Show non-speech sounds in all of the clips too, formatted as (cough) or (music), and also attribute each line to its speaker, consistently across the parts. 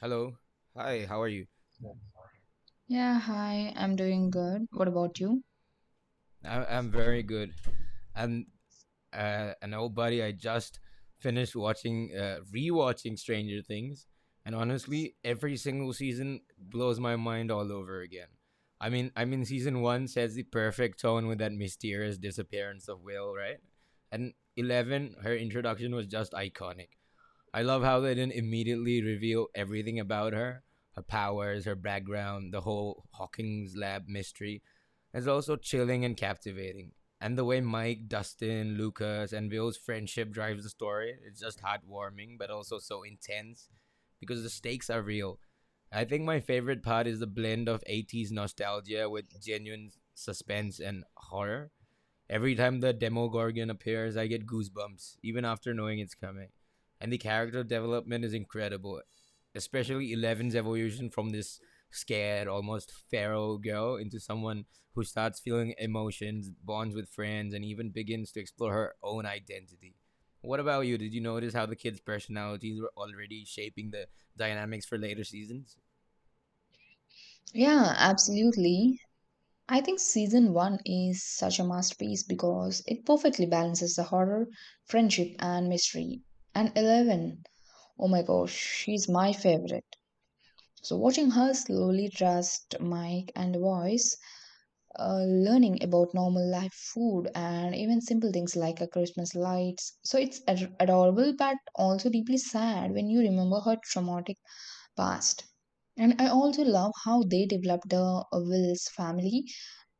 Speaker 1: Hello. Hi. How are you?
Speaker 2: Yeah, hi, I'm doing good. What about you?
Speaker 1: I'm very good. And an old buddy, I just finished rewatching Stranger Things, and honestly, every single season blows my mind all over again. I mean, season one sets the perfect tone with that mysterious disappearance of Will, right? And eleven, her introduction was just iconic. I love how they didn't immediately reveal everything about her powers, her background, the whole Hawking's lab mystery. It's also chilling and captivating. And the way Mike, Dustin, Lucas, and Bill's friendship drives the story, it's just heartwarming, but also so intense because the stakes are real. I think my favorite part is the blend of 80s nostalgia with genuine suspense and horror. Every time the Demogorgon appears, I get goosebumps, even after knowing it's coming. And the character development is incredible, especially Eleven's evolution from this scared, almost feral girl into someone who starts feeling emotions, bonds with friends, and even begins to explore her own identity. What about you? Did you notice how the kids' personalities were already shaping the dynamics for later seasons?
Speaker 2: Yeah, absolutely. I think season one is such a masterpiece because it perfectly balances the horror, friendship, and mystery. And 11, oh my gosh, she's my favorite. So, watching her slowly trust Mike and Voice, learning about normal life food and even simple things like a Christmas lights. So, it's adorable but also deeply sad when you remember her traumatic past. And I also love how they developed the Will's family.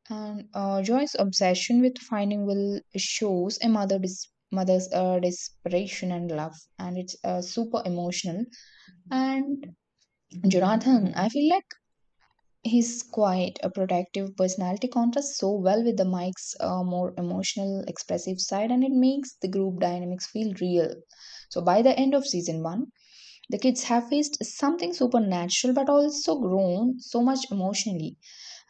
Speaker 2: And Joy's obsession with finding Will shows a mother's desperation and love, and it's super emotional. And Jonathan, I feel like his quiet, a protective personality contrasts so well with the Mike's more emotional, expressive side, and it makes the group dynamics feel real. So by the end of season one, the kids have faced something supernatural but also grown so much emotionally.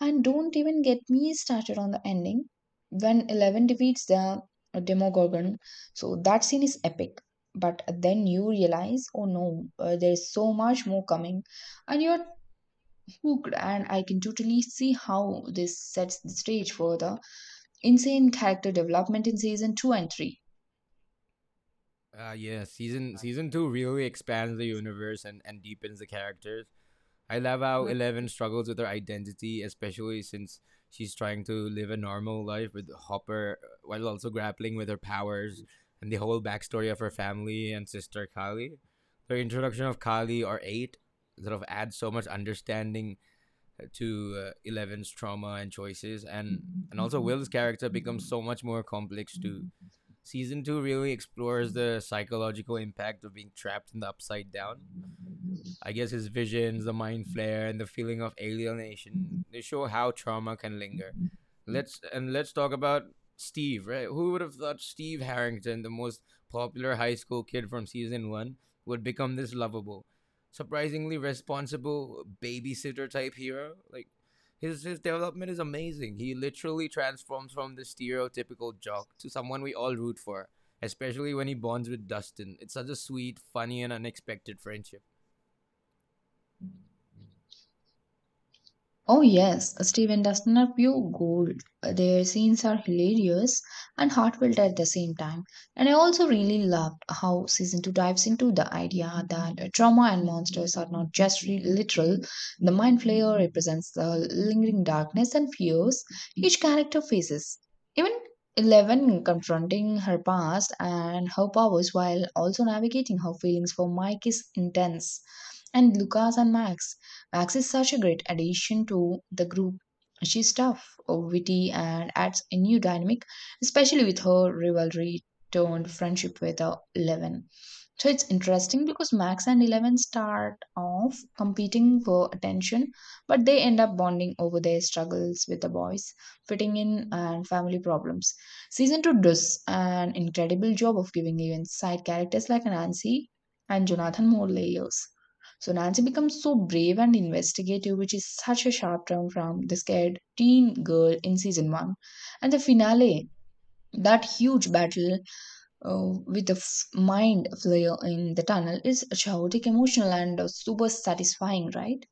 Speaker 2: And don't even get me started on the ending when Eleven defeats the Demogorgon. So that scene is epic. But then you realize, oh no, there's so much more coming, and you're hooked. And I can totally see how this sets the stage for the insane character development in season 2 and 3.
Speaker 1: Yeah, season two really expands the universe and deepens the characters. I love how Eleven struggles with her identity, especially since she's trying to live a normal life with Hopper while also grappling with her powers and the whole backstory of her family and sister Kali. The introduction of Kali or Eight sort of adds so much understanding to Eleven's trauma and choices, and also Will's character becomes so much more complex too. Season two really explores the psychological impact of being trapped in the upside down. I guess his visions, the mind flare, and the feeling of alienation. They show how trauma can linger. Let's talk about Steve, right? Who would have thought Steve Harrington, the most popular high school kid from season one, would become this lovable, surprisingly responsible babysitter type hero? Like his development is amazing. He literally transforms from the stereotypical jock to someone we all root for, especially when he bonds with Dustin. It's such a sweet, funny, and unexpected friendship.
Speaker 2: Oh yes, Steven Dustin are pure gold. Their scenes are hilarious and heartfelt at the same time. And I also really loved how season 2 dives into the idea that trauma and monsters are not just literal. The mind flayer represents the lingering darkness and fears each character faces. Even Eleven confronting her past and her powers while also navigating her feelings for Mike is intense. And Lucas and Max, Max is such a great addition to the group. She's tough, witty, and adds a new dynamic, especially with her rivalry turned friendship with Eleven. So it's interesting because Max and Eleven start off competing for attention, but they end up bonding over their struggles with the boys, fitting in, and family problems. Season 2 does an incredible job of giving even side characters like Nancy and Jonathan more layers. So Nancy becomes so brave and investigative, which is such a sharp turn from the scared teen girl in season 1. And the finale, that huge battle with the mind flare in the tunnel is chaotic, emotional, and super satisfying, right?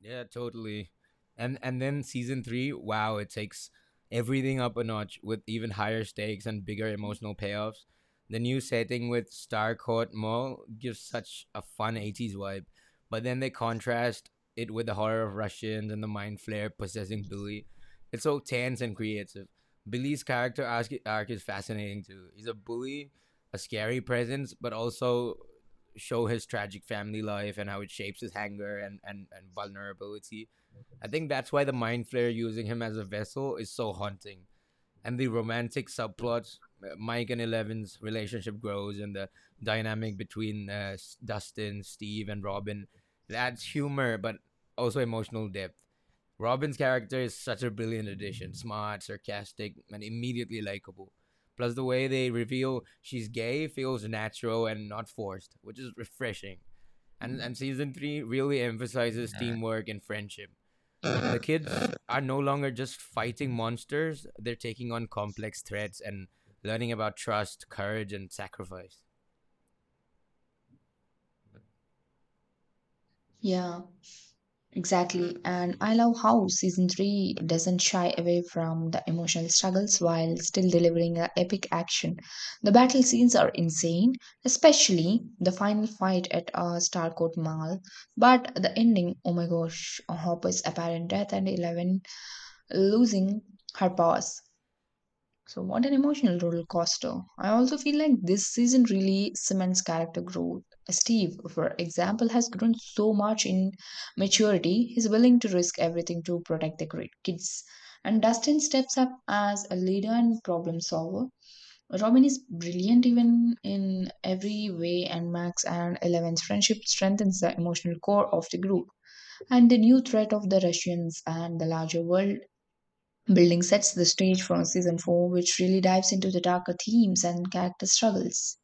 Speaker 1: Yeah, totally. And then season three, wow, it takes everything up a notch with even higher stakes and bigger emotional payoffs. The new setting with Starcourt Mall gives such a fun 80s vibe, but then they contrast it with the horror of Russians and the mind flare possessing Billy. It's so tense and creative. Billy's character arc is fascinating too. He's a bully, a scary presence, but also show his tragic family life and how it shapes his anger and vulnerability. I think that's why the mind flare using him as a vessel is so haunting. And the romantic subplots. Mike and Eleven's relationship grows, and the dynamic between Dustin, Steve, and Robin. It adds humor, but also emotional depth. Robin's character is such a brilliant addition, smart, sarcastic, and immediately likable. Plus, the way they reveal she's gay feels natural and not forced, which is refreshing. And season three really emphasizes teamwork and friendship. The kids are no longer just fighting monsters, they're taking on complex threats and learning about trust, courage, and sacrifice.
Speaker 2: Yeah, exactly. And I love how season three doesn't shy away from the emotional struggles while still delivering a epic action. The battle scenes are insane, especially the final fight at Starcourt Mall. But the ending, oh my gosh, Hopper's apparent death and Eleven losing her powers. So, what an emotional roller coaster. I also feel like this season really cements character growth. Steve, for example, has grown so much in maturity, he's willing to risk everything to protect the great kids. And Dustin steps up as a leader and problem solver. Robin is brilliant even in every way, and Max and Eleven's friendship strengthens the emotional core of the group. And the new threat of the Russians and the larger world Building sets the stage for season 4, which really dives into the darker themes and character struggles.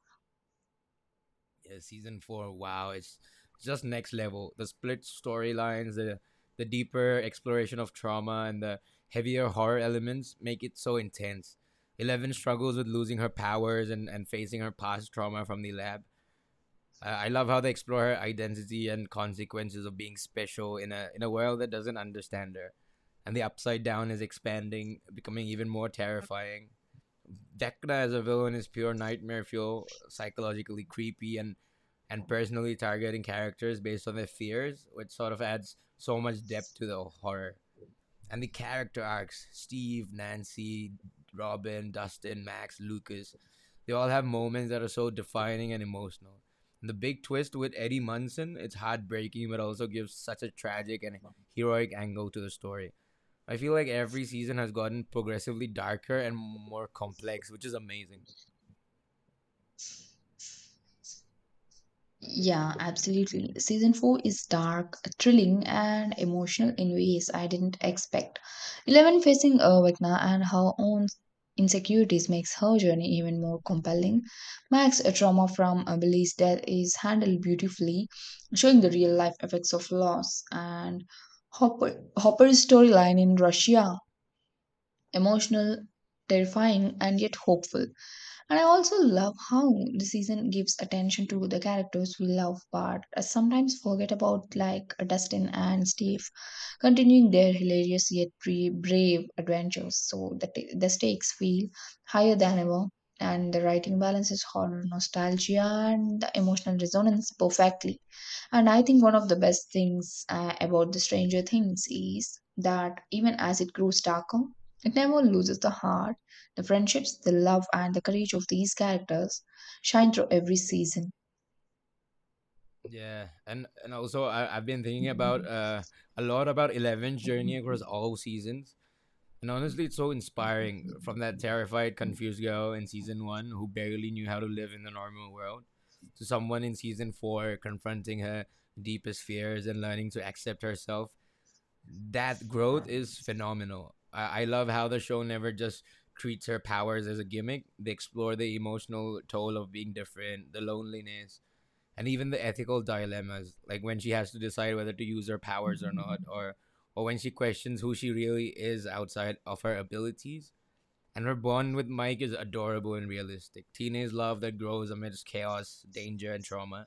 Speaker 1: Yeah, season four, wow, it's just next level. The split storylines, the deeper exploration of trauma and the heavier horror elements make it so intense. Eleven struggles with losing her powers and facing her past trauma from the lab. I love how they explore her identity and consequences of being special in a world that doesn't understand her. And the upside down is expanding, becoming even more terrifying. Dekra as a villain is pure nightmare fuel, psychologically creepy and personally targeting characters based on their fears, which sort of adds so much depth to the horror and the character arcs: Steve, Nancy, Robin, Dustin, Max, Lucas. They all have moments that are so defining and emotional. And the big twist with Eddie Munson, it's heartbreaking but also gives such a tragic and heroic angle to the story. I feel like every season has gotten progressively darker and more complex, which is amazing.
Speaker 2: Yeah, absolutely. Season 4 is dark, thrilling, and emotional in ways I didn't expect. Eleven facing Vecna and her own insecurities makes her journey even more compelling. Max's trauma from Billy's death is handled beautifully, showing the real life effects of loss and Hopper's storyline in Russia emotional, terrifying, and yet hopeful. And I also love how the season gives attention to the characters we love but sometimes forget about, like Dustin and Steve, continuing their hilarious yet brave adventures. So the stakes feel higher than ever, and the writing balances horror, nostalgia, and the emotional resonance perfectly. And I think one of the best things about the Stranger Things is that even as it grows darker, it never loses the heart, the friendships, the love, and the courage of these characters shine through every season.
Speaker 1: Yeah, and also I've been thinking about a lot about Eleven's journey across all seasons. And honestly, it's so inspiring, from that terrified, confused girl in season one who barely knew how to live in the normal world to someone in season four confronting her deepest fears and learning to accept herself. That growth is phenomenal. I love how the show never just treats her powers as a gimmick, they explore the emotional toll of being different, the loneliness, and even the ethical dilemmas, like when she has to decide whether to use her powers or not, or when she questions who she really is outside of her abilities. And her bond with Mike is adorable and realistic. Teenage love that grows amidst chaos, danger, and trauma.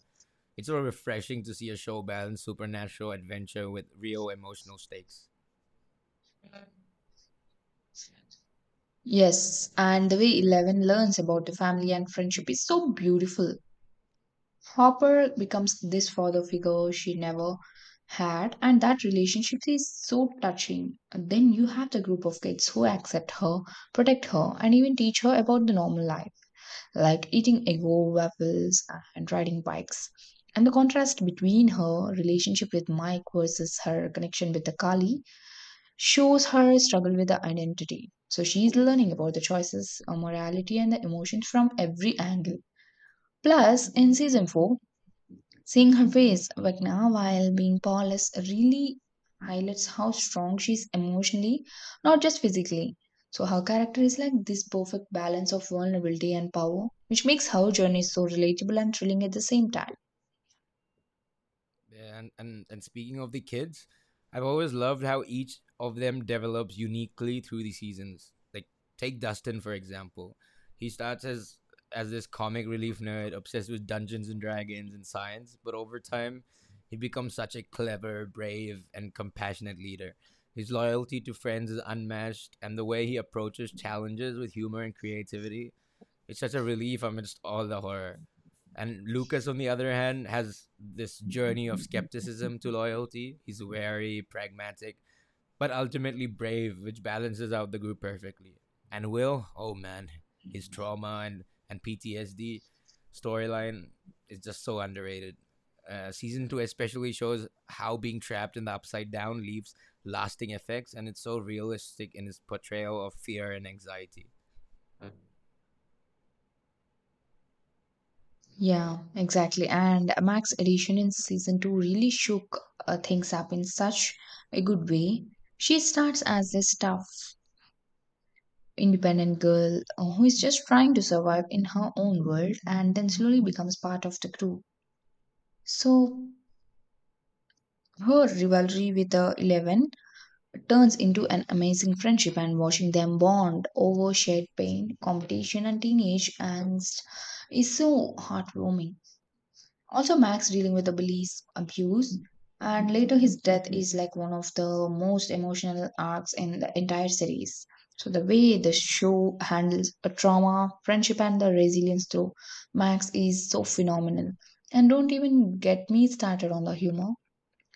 Speaker 1: It's so refreshing to see a show balance supernatural adventure with real emotional stakes.
Speaker 2: Yes, and the way Eleven learns about the family and friendship is so beautiful. Hopper becomes this father figure she never had, and that relationship is so touching. And then you have the group of kids who accept her, protect her, and even teach her about the normal life, like eating ego waffles and riding bikes. And the contrast between her relationship with Mike versus her connection with the Kali shows her struggle with the identity. So she's learning about the choices, morality, and the emotions from every angle. Plus, in season 4, seeing her face right now while being powerless really highlights how strong she is emotionally, not just physically. So her character is like this perfect balance of vulnerability and power, which makes her journey so relatable and thrilling at the same time.
Speaker 1: And speaking of the kids, I've always loved how each of them develops uniquely through the seasons. Like take Dustin for example. He starts as this comic relief nerd obsessed with Dungeons and Dragons and science, but over time he becomes such a clever, brave, and compassionate leader. His loyalty to friends is unmatched, and the way he approaches challenges with humor and creativity, its such a relief amidst all the horror. And Lucas, on the other hand, has this journey of skepticism to loyalty. He's very pragmatic but ultimately brave, which balances out the group perfectly. And Will, oh man, his trauma and PTSD storyline is just so underrated. Season two especially shows how being trapped in the upside down leaves lasting effects, and it's so realistic in its portrayal of fear and anxiety.
Speaker 2: Yeah, exactly. And Max edition in season two really shook things up in such a good way. She starts as this tough, independent girl who is just trying to survive in her own world and then slowly becomes part of the crew. So her rivalry with the Eleven turns into an amazing friendship and watching them bond over shared pain, competition, and teenage angst is so heartwarming. Also, Max dealing with the bully's abuse and later his death is like one of the most emotional arcs in the entire series. So, the way the show handles a trauma, friendship, and the resilience through Max is so phenomenal. And don't even get me started on the humor.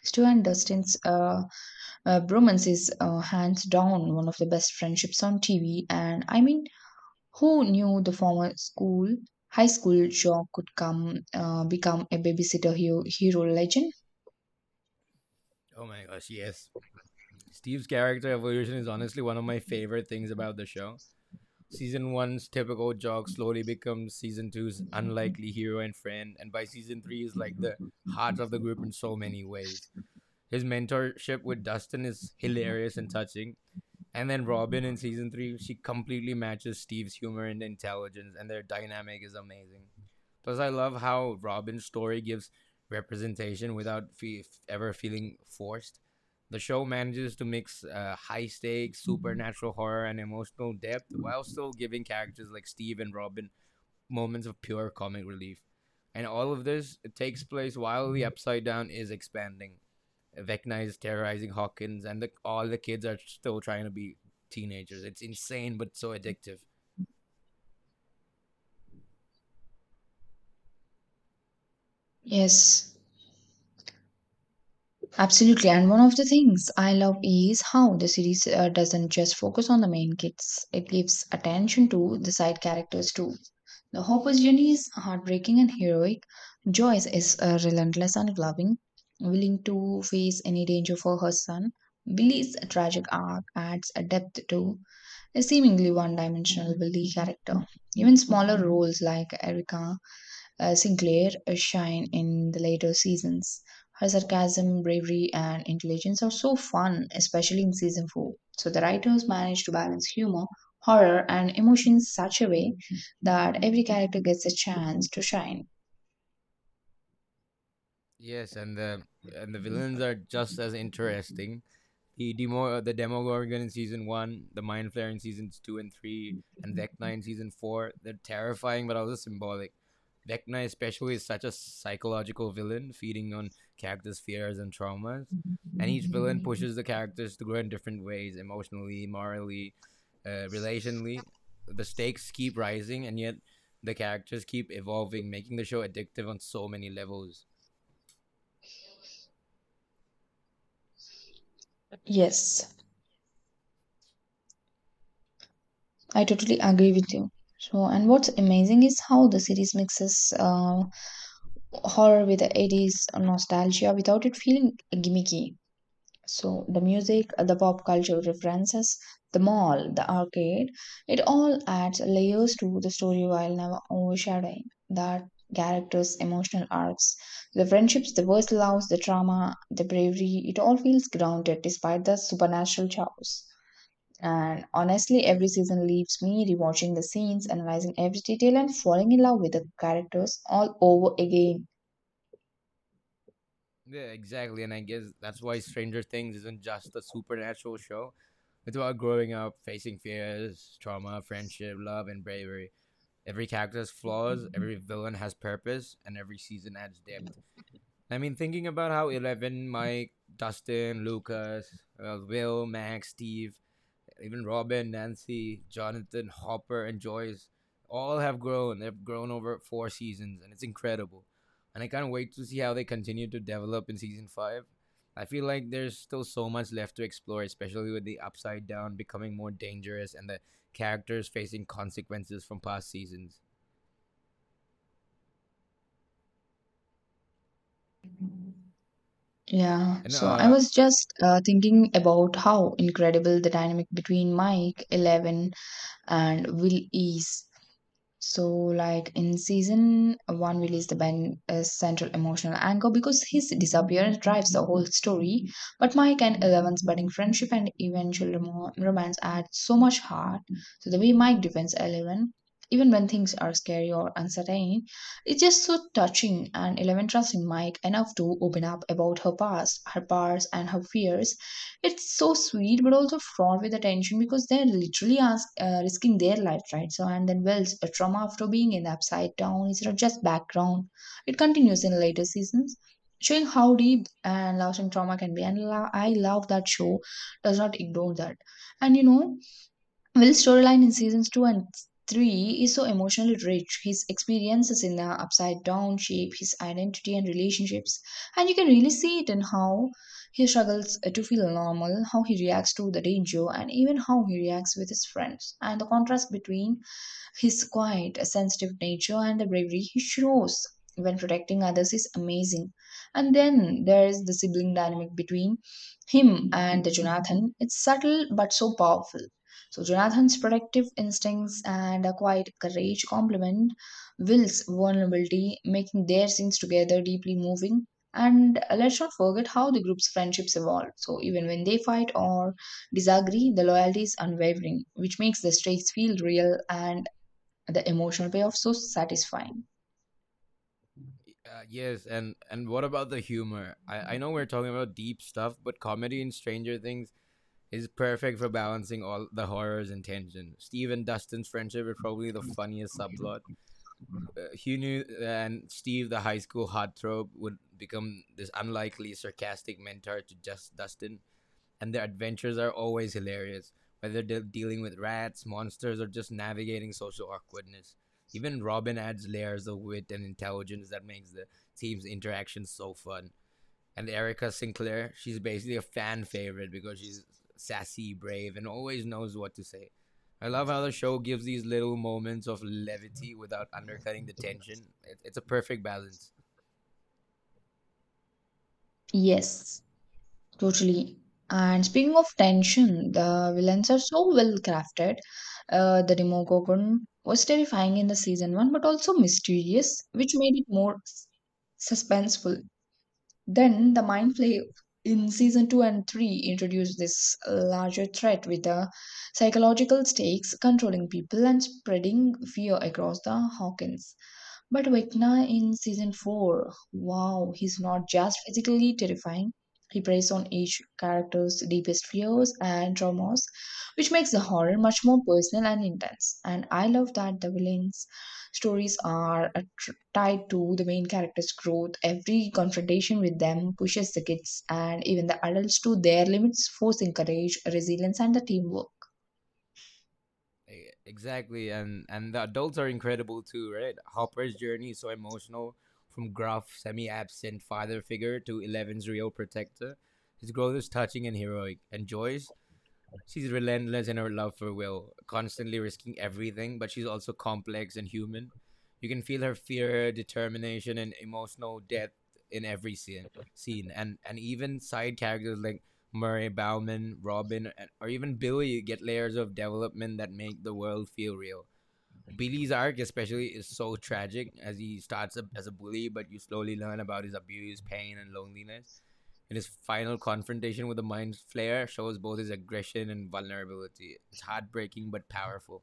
Speaker 2: Stuart Dustin's bromance is hands down one of the best friendships on TV, and I mean, who knew the former school, high school jock could come become a babysitter hero, hero legend?
Speaker 1: Oh my gosh, yes. Steve's character evolution is honestly one of my favorite things about the show. Season 1's typical jock slowly becomes Season two's unlikely hero and friend, and by Season 3 is like the heart of the group in so
Speaker 2: (laughs)
Speaker 1: many ways. His mentorship with Dustin is hilarious and touching. And then Robin in Season 3, she completely matches Steve's humor and intelligence, and their dynamic is amazing. Plus, I love how Robin's story gives representation without ever feeling forced. The show manages to mix high stakes, supernatural horror, and emotional depth while still giving characters like Steve and Robin moments of pure comic relief. And all of this takes place while the Upside Down is expanding. Vecna is terrorizing Hawkins, and all the kids are still trying to be teenagers. It's insane, but so addictive.
Speaker 2: Yes. Absolutely. And one of the things I love is how the series doesn't just focus on the main kids, it gives attention to the side characters too. The Hopper's journey is heartbreaking and heroic. Joyce is relentless and loving, willing to face any danger for her son. Billy's tragic arc adds a depth to a seemingly one dimensional Billy character. Even smaller roles like Erica Sinclair shine in the later seasons. Her sarcasm, bravery, and intelligence are so fun, especially in season 4. So the writers managed to balance humor, horror, and emotions such a way that every character gets a chance to shine.
Speaker 1: Yes, and the villains are just as interesting. The Demogorgon in season one, the Mind Flayer in seasons two and three, and Vecna in season four. They're terrifying, but also symbolic. Vecna especially is such a psychological villain, feeding on characters' fears and traumas. And each villain pushes the characters to grow in different ways, emotionally, morally, relationally. The stakes keep rising, and yet the characters keep evolving, making the show addictive on so many levels.
Speaker 2: Yes, I totally agree with you. So, and what's amazing is how the series mixes horror with the 80s nostalgia without it feeling gimmicky. So the music, the pop culture references, the mall, the arcade, it all adds layers to the story while never overshadowing that characters' emotional arcs, the friendships, the worst loves, the trauma, the bravery. It all feels grounded despite the supernatural chaos. And honestly, every season leaves me rewatching the scenes, analyzing every detail, and falling in love with the characters all over again.
Speaker 1: Yeah, exactly. And I guess that's why Stranger Things isn't just a supernatural show. It's about growing up, facing fears, trauma, friendship, love, and bravery. Every character has flaws, every villain has purpose, and every season adds depth. I mean, thinking about how Eleven, Mike, Dustin, Lucas, Will, Max, Steve, even Robin, Nancy, Jonathan, Hopper, and Joyce all have grown. They've grown over four seasons, and it's incredible. And I can't wait to see how they continue to develop in season five. I feel like there's still so much left to explore, especially with the upside down becoming more dangerous and the characters facing consequences from past seasons.
Speaker 2: Yeah,
Speaker 1: And
Speaker 2: so I was just thinking about how incredible the dynamic between Mike, Eleven, and Will is. So, like in season one release, the Ben is central emotional anchor because his disappearance drives the whole story. But Mike and Eleven's budding friendship and eventual romance add so much heart. So, the way Mike defends Eleven, even when things are scary or uncertain, it's just so touching. And Eleven trusts in Mike enough to open up about her past, her bars, and her fears, it's so sweet, but also fraught with attention because they're literally risking their life, right? So, and then Wells, a trauma after being in the upside down instead of just background. It continues in later seasons, showing how deep and lasting trauma can be. And I love that show does not ignore that. And you know, Will's storyline in seasons 2 and 3 is so emotionally rich. His experiences in the upside down shape his identity and relationships, and you can really see it in how he struggles to feel normal, how he reacts to the danger, and even how he reacts with his friends. And the contrast between his quiet, sensitive nature and the bravery he shows when protecting others is amazing. And then there is the sibling dynamic between him and the Jonathan. It's subtle but so powerful, so Jonathan's protective instincts and a quiet courage complement Will's vulnerability, making their scenes together deeply moving. And let's not forget how the group's friendships evolve. So even when they fight or disagree, the loyalty is unwavering, which makes the stakes feel real and the emotional payoff so satisfying.
Speaker 1: Yes, and what about the humor? I know we're talking about deep stuff, but comedy in Stranger Things is perfect for balancing all the horrors and tension. Steve and Dustin's friendship is probably the funniest subplot. Hugh knew and Steve, the high school heartthrob, would become this unlikely, sarcastic mentor to just Dustin, and their adventures are always hilarious, whether they're dealing with rats, monsters, or just navigating social awkwardness. Even Robin adds layers of wit and intelligence that makes the team's interactions so fun. And Erica Sinclair, she's basically a fan favorite because she's sassy, brave, and always knows what to say. I love how the show gives these little moments of levity without undercutting the tension. It's a perfect balance.
Speaker 2: Yes. Totally. And speaking of tension, the villains are so well crafted. The Demogorgon was terrifying in the season one, but also mysterious, which made it more suspenseful. Then the mind play in season two and three introduced this larger threat with the psychological stakes controlling people and spreading fear across the Hawkins. But Vecna in season 4, wow, he's not just physically terrifying. He preys on each character's deepest fears and traumas, which makes the horror much more personal and intense. And I love that the villains' stories are tied to the main character's growth. Every confrontation with them pushes the kids and even the adults to their limits, forcing courage, resilience, and the teamwork.
Speaker 1: Exactly, and the adults are incredible too, right? Hopper's journey is so emotional, from gruff, semi-absent father figure to Eleven's real protector. His growth is touching and heroic, and Joyce, she's relentless in her love for Will, constantly risking everything, but she's also complex and human. You can feel her fear, determination, and emotional depth in every scene. And even side characters like Murray Bauman, Robin, or even Billy get layers of development that make the world feel real. Billy's arc, especially, is so tragic as he starts as a bully, but you slowly learn about his abuse, pain, and loneliness in his final confrontation with the mind flayer, shows both his aggression and vulnerability. It's heartbreaking but powerful.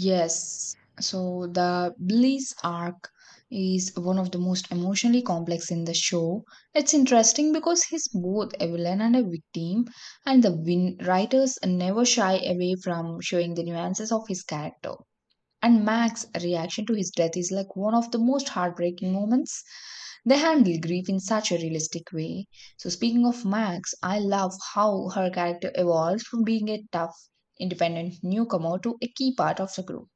Speaker 2: Yes. So the Bliss arc is one of the most emotionally complex in the show. It's interesting because he's both a villain and a victim, and the writers never shy away from showing the nuances of his character. And Mac's reaction to his death is like one of the most heartbreaking moments. They handle grief in such a realistic way. So, speaking of Max, I love how her character evolves from being a tough, independent newcomer to a key part of the group.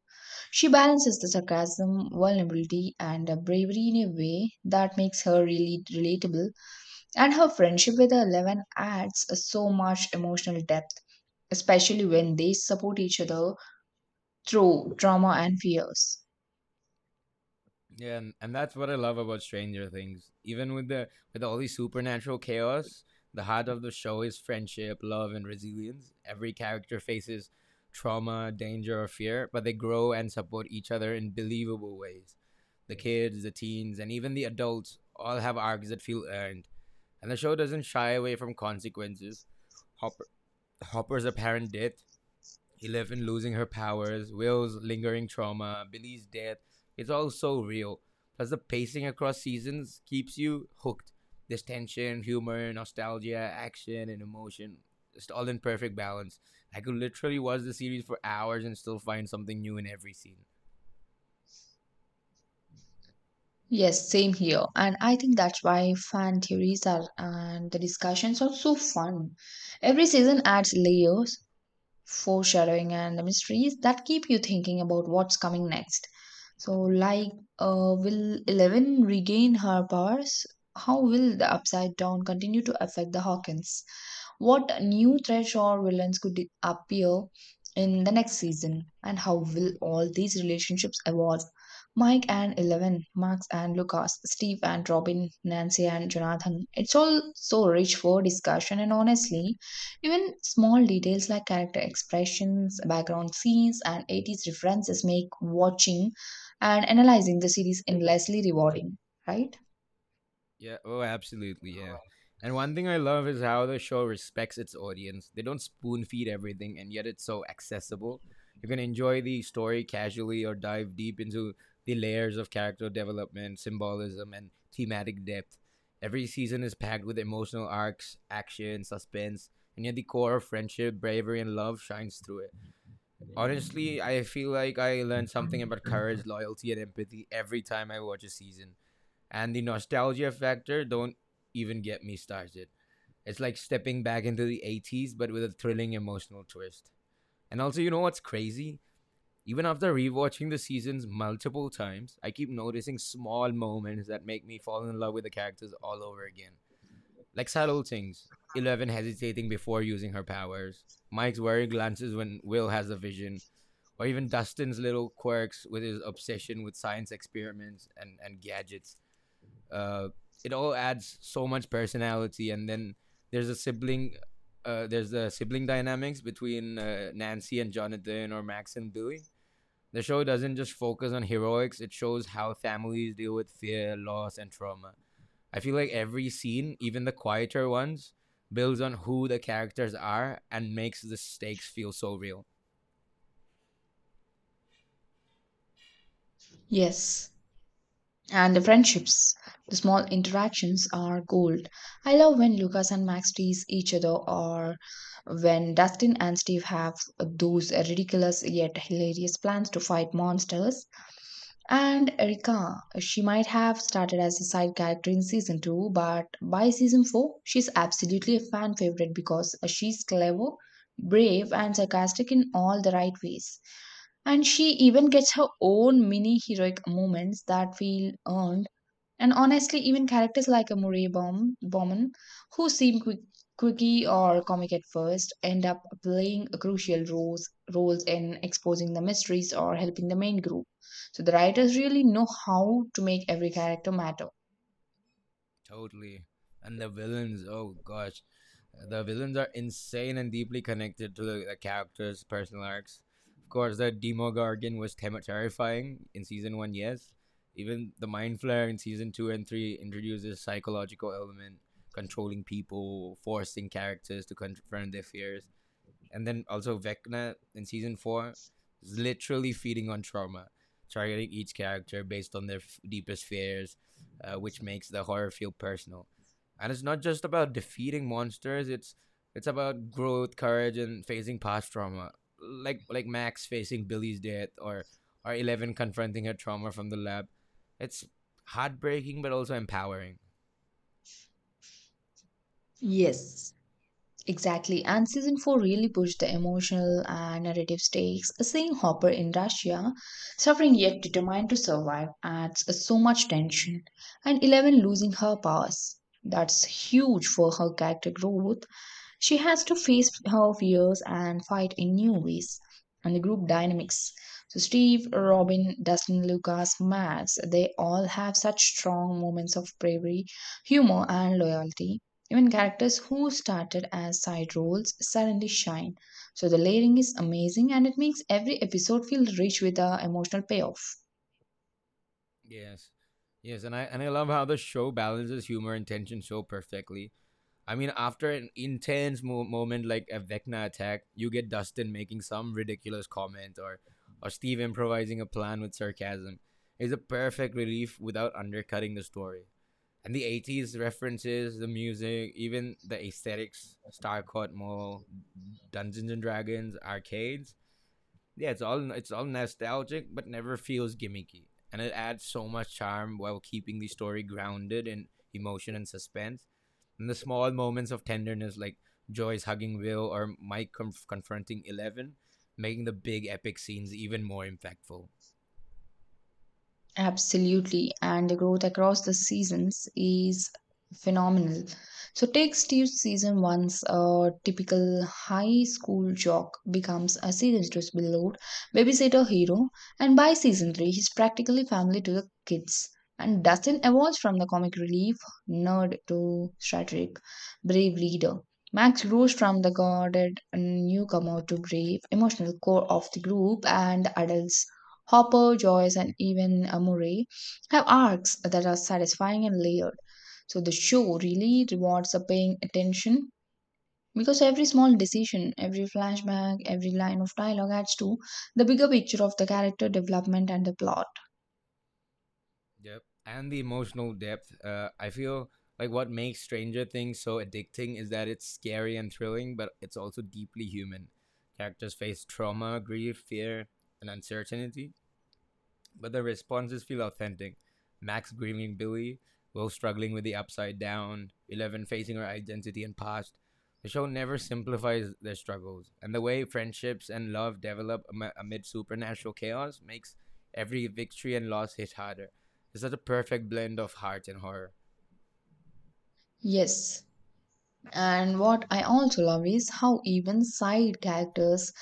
Speaker 2: She balances the sarcasm, vulnerability, and bravery in a way that makes her really relatable, and her friendship with Eleven adds so much emotional depth, especially when they support each other through trauma and fears.
Speaker 1: Yeah, and that's what I love about Stranger Things. Even with the with all the supernatural chaos, the heart of the show is friendship, love, and resilience. Every character faces trauma, danger, or fear, but they grow and support each other in believable ways. The kids, the teens, and even the adults all have arcs that feel earned. And the show doesn't shy away from consequences. Hopper, Hopper's apparent death, Eleven losing her powers, Will's lingering trauma, Billy's death. It's all so real. Plus, the pacing across seasons keeps you hooked. There's tension, humor, nostalgia, action, and emotion. It's all in perfect balance. I could literally watch the series for hours and still find something new in every scene.
Speaker 2: Yes, same here. And I think that's why fan theories are and the discussions are so fun. Every season adds layers foreshadowing and mysteries that keep you thinking about what's coming next. So, like, will Eleven regain her powers? How will the Upside Down continue to affect the Hawkins? What new threats or villains could appear in the next season? And how will all these relationships evolve? Mike and Eleven, Max and Lucas, Steve and Robin, Nancy and Jonathan. It's all so rich for discussion, and honestly, even small details like character expressions, background scenes, and 80s references make watching and analyzing the series endlessly rewarding, right?
Speaker 1: Yeah, oh, absolutely. Yeah. And one thing I love is how the show respects its audience. They don't spoon feed everything, and yet it's so accessible. You can enjoy the story casually or dive deep into the layers of character development, symbolism, and thematic depth. Every season is packed with emotional arcs, action, suspense, and yet the core of friendship, bravery, and love shines through it. Honestly, I feel like I learned something about courage, loyalty, and empathy every time I watch a season and the nostalgia factor don't even get me started. It's like stepping back into the 80s but with a thrilling emotional twist. And also, you know what's crazy? Even after rewatching the seasons multiple times, I keep noticing small moments that make me fall in love with the characters all over again. Like subtle things Eleven hesitating before using her powers, Mike's wary glances when Will has a vision, or even Dustin's little quirks with his obsession with science experiments and gadgets uh, it all adds so much personality. And then there's a sibling, there's the sibling dynamics between Nancy and Jonathan or Max and Billy. The show doesn't just focus on heroics; it shows how families deal with fear, loss, and trauma. I feel like every scene, even the quieter ones, builds on who the characters are and makes the stakes feel so real.
Speaker 2: Yes. And the friendships, the small interactions are gold. I love when Lucas and Max tease each other, or when Dustin and Steve have those ridiculous yet hilarious plans to fight monsters. And Erika, she might have started as a side character in season 2, but by season 4, she's absolutely a fan favorite because she's clever, brave, and sarcastic in all the right ways. And she even gets her own mini heroic moments that feel earned. And honestly, even characters like a Bauman, who seem quirky or comic at first, end up playing roles in exposing the mysteries or helping the main group. So the writers really know how to make every character matter.
Speaker 1: Totally. And the villains, oh gosh. The villains are insane and deeply connected to the characters' personal arcs. Of course, the Demogorgon was terrifying in season one, yes. Even the Mind Flayer in season two and three introduces psychological element, controlling people, forcing characters to confront their fears. And then also Vecna in season four is literally feeding on trauma, targeting each character based on their deepest fears, which makes the horror feel personal. And it's not just about defeating monsters; it's about growth, courage, and facing past trauma, like Max facing Billy's death, or Eleven confronting her trauma from the lab. It's heartbreaking, but also empowering.
Speaker 2: Yes, exactly, and season 4 really pushed the emotional and narrative stakes. Seeing Hopper in Russia, suffering yet determined to survive, adds so much tension. And Eleven losing her powers. That's huge for her character growth. She has to face her fears and fight in new ways. And the group dynamics. So, Steve, Robin, Dustin, Lucas, Max, they all have such strong moments of bravery, humor, and loyalty. Even characters who started as side roles suddenly shine. So the layering is amazing and it makes every episode feel rich with a emotional payoff.
Speaker 1: Yes, yes, and I love how the show balances humor and tension so perfectly. I mean, after an intense moment like a Vecna attack, you get Dustin making some ridiculous comment or Steve improvising a plan with sarcasm. It's a perfect relief without undercutting the story. And the 80s references, the music, even the aesthetics, Starcourt Mall, Dungeons and Dragons, arcades. Yeah, it's all nostalgic but never feels gimmicky. And it adds so much charm while keeping the story grounded in emotion and suspense and the small moments of tenderness, like Joyce hugging Will or Mike confronting Eleven, making the big epic scenes even more impactful.
Speaker 2: Absolutely. And the growth across the seasons is phenomenal. So take Steve's season once a typical high school jock becomes a serious disbelieved babysitter hero, and by season three, he's practically family to the kids. And Dustin evolves from the comic relief nerd to strategic, brave leader. Max grows from the guarded newcomer to brave, emotional core of the group and adults. Hopper, Joyce, and even Murray have arcs that are satisfying and layered. So the show really rewards the paying attention because every small decision, every flashback, every line of dialogue adds to the bigger picture of the character development and the plot.
Speaker 1: Yep. And the emotional depth. I feel like what makes Stranger Things so addicting is that it's scary and thrilling, but it's also deeply human. Characters face trauma, grief, fear, and uncertainty, but the responses feel authentic. Max grieving Billy, Will struggling with the upside down, Eleven facing her identity and past. The show never simplifies their struggles, and the way friendships and love develop amid supernatural chaos makes every victory and loss hit harder. It's such a perfect blend of heart and horror.
Speaker 2: Yes. And what I also love is how even side characters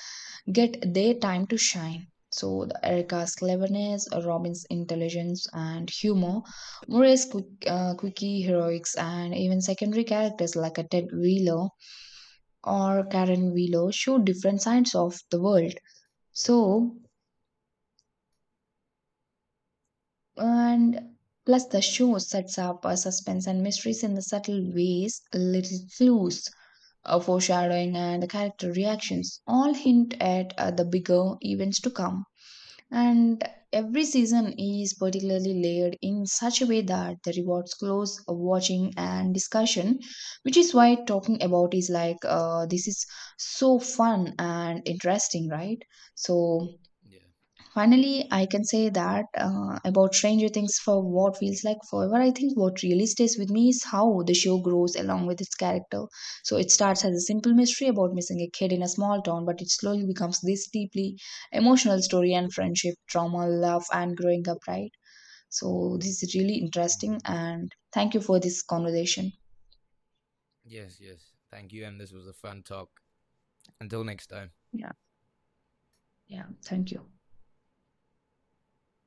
Speaker 2: get their time to shine. So the Erica's cleverness, Robin's intelligence and humor, Murray's quirky heroics, and even secondary characters like a Ted Wheeler or Karen Wheeler show different sides of the world. So and Plus the show sets up a suspense and mysteries in the subtle ways, little clues, foreshadowing, and the character reactions all hint at the bigger events to come. And every season is particularly layered in such a way that the rewards close watching and discussion, which is why talking about is this is so fun and interesting, right? So
Speaker 1: Yeah.
Speaker 2: finally, I can say that about Stranger Things for what feels like forever. I think what really stays with me is how the show grows along with its character. So it starts as a simple mystery about missing a kid in a small town, but it slowly becomes this deeply emotional story and friendship, trauma, love, and growing up, right? So this is really interesting,
Speaker 1: Mm-hmm.
Speaker 2: and thank you for this conversation.
Speaker 1: Yes, yes. Thank you, and this was a fun talk. Until next time.
Speaker 2: Yeah, yeah. Thank you.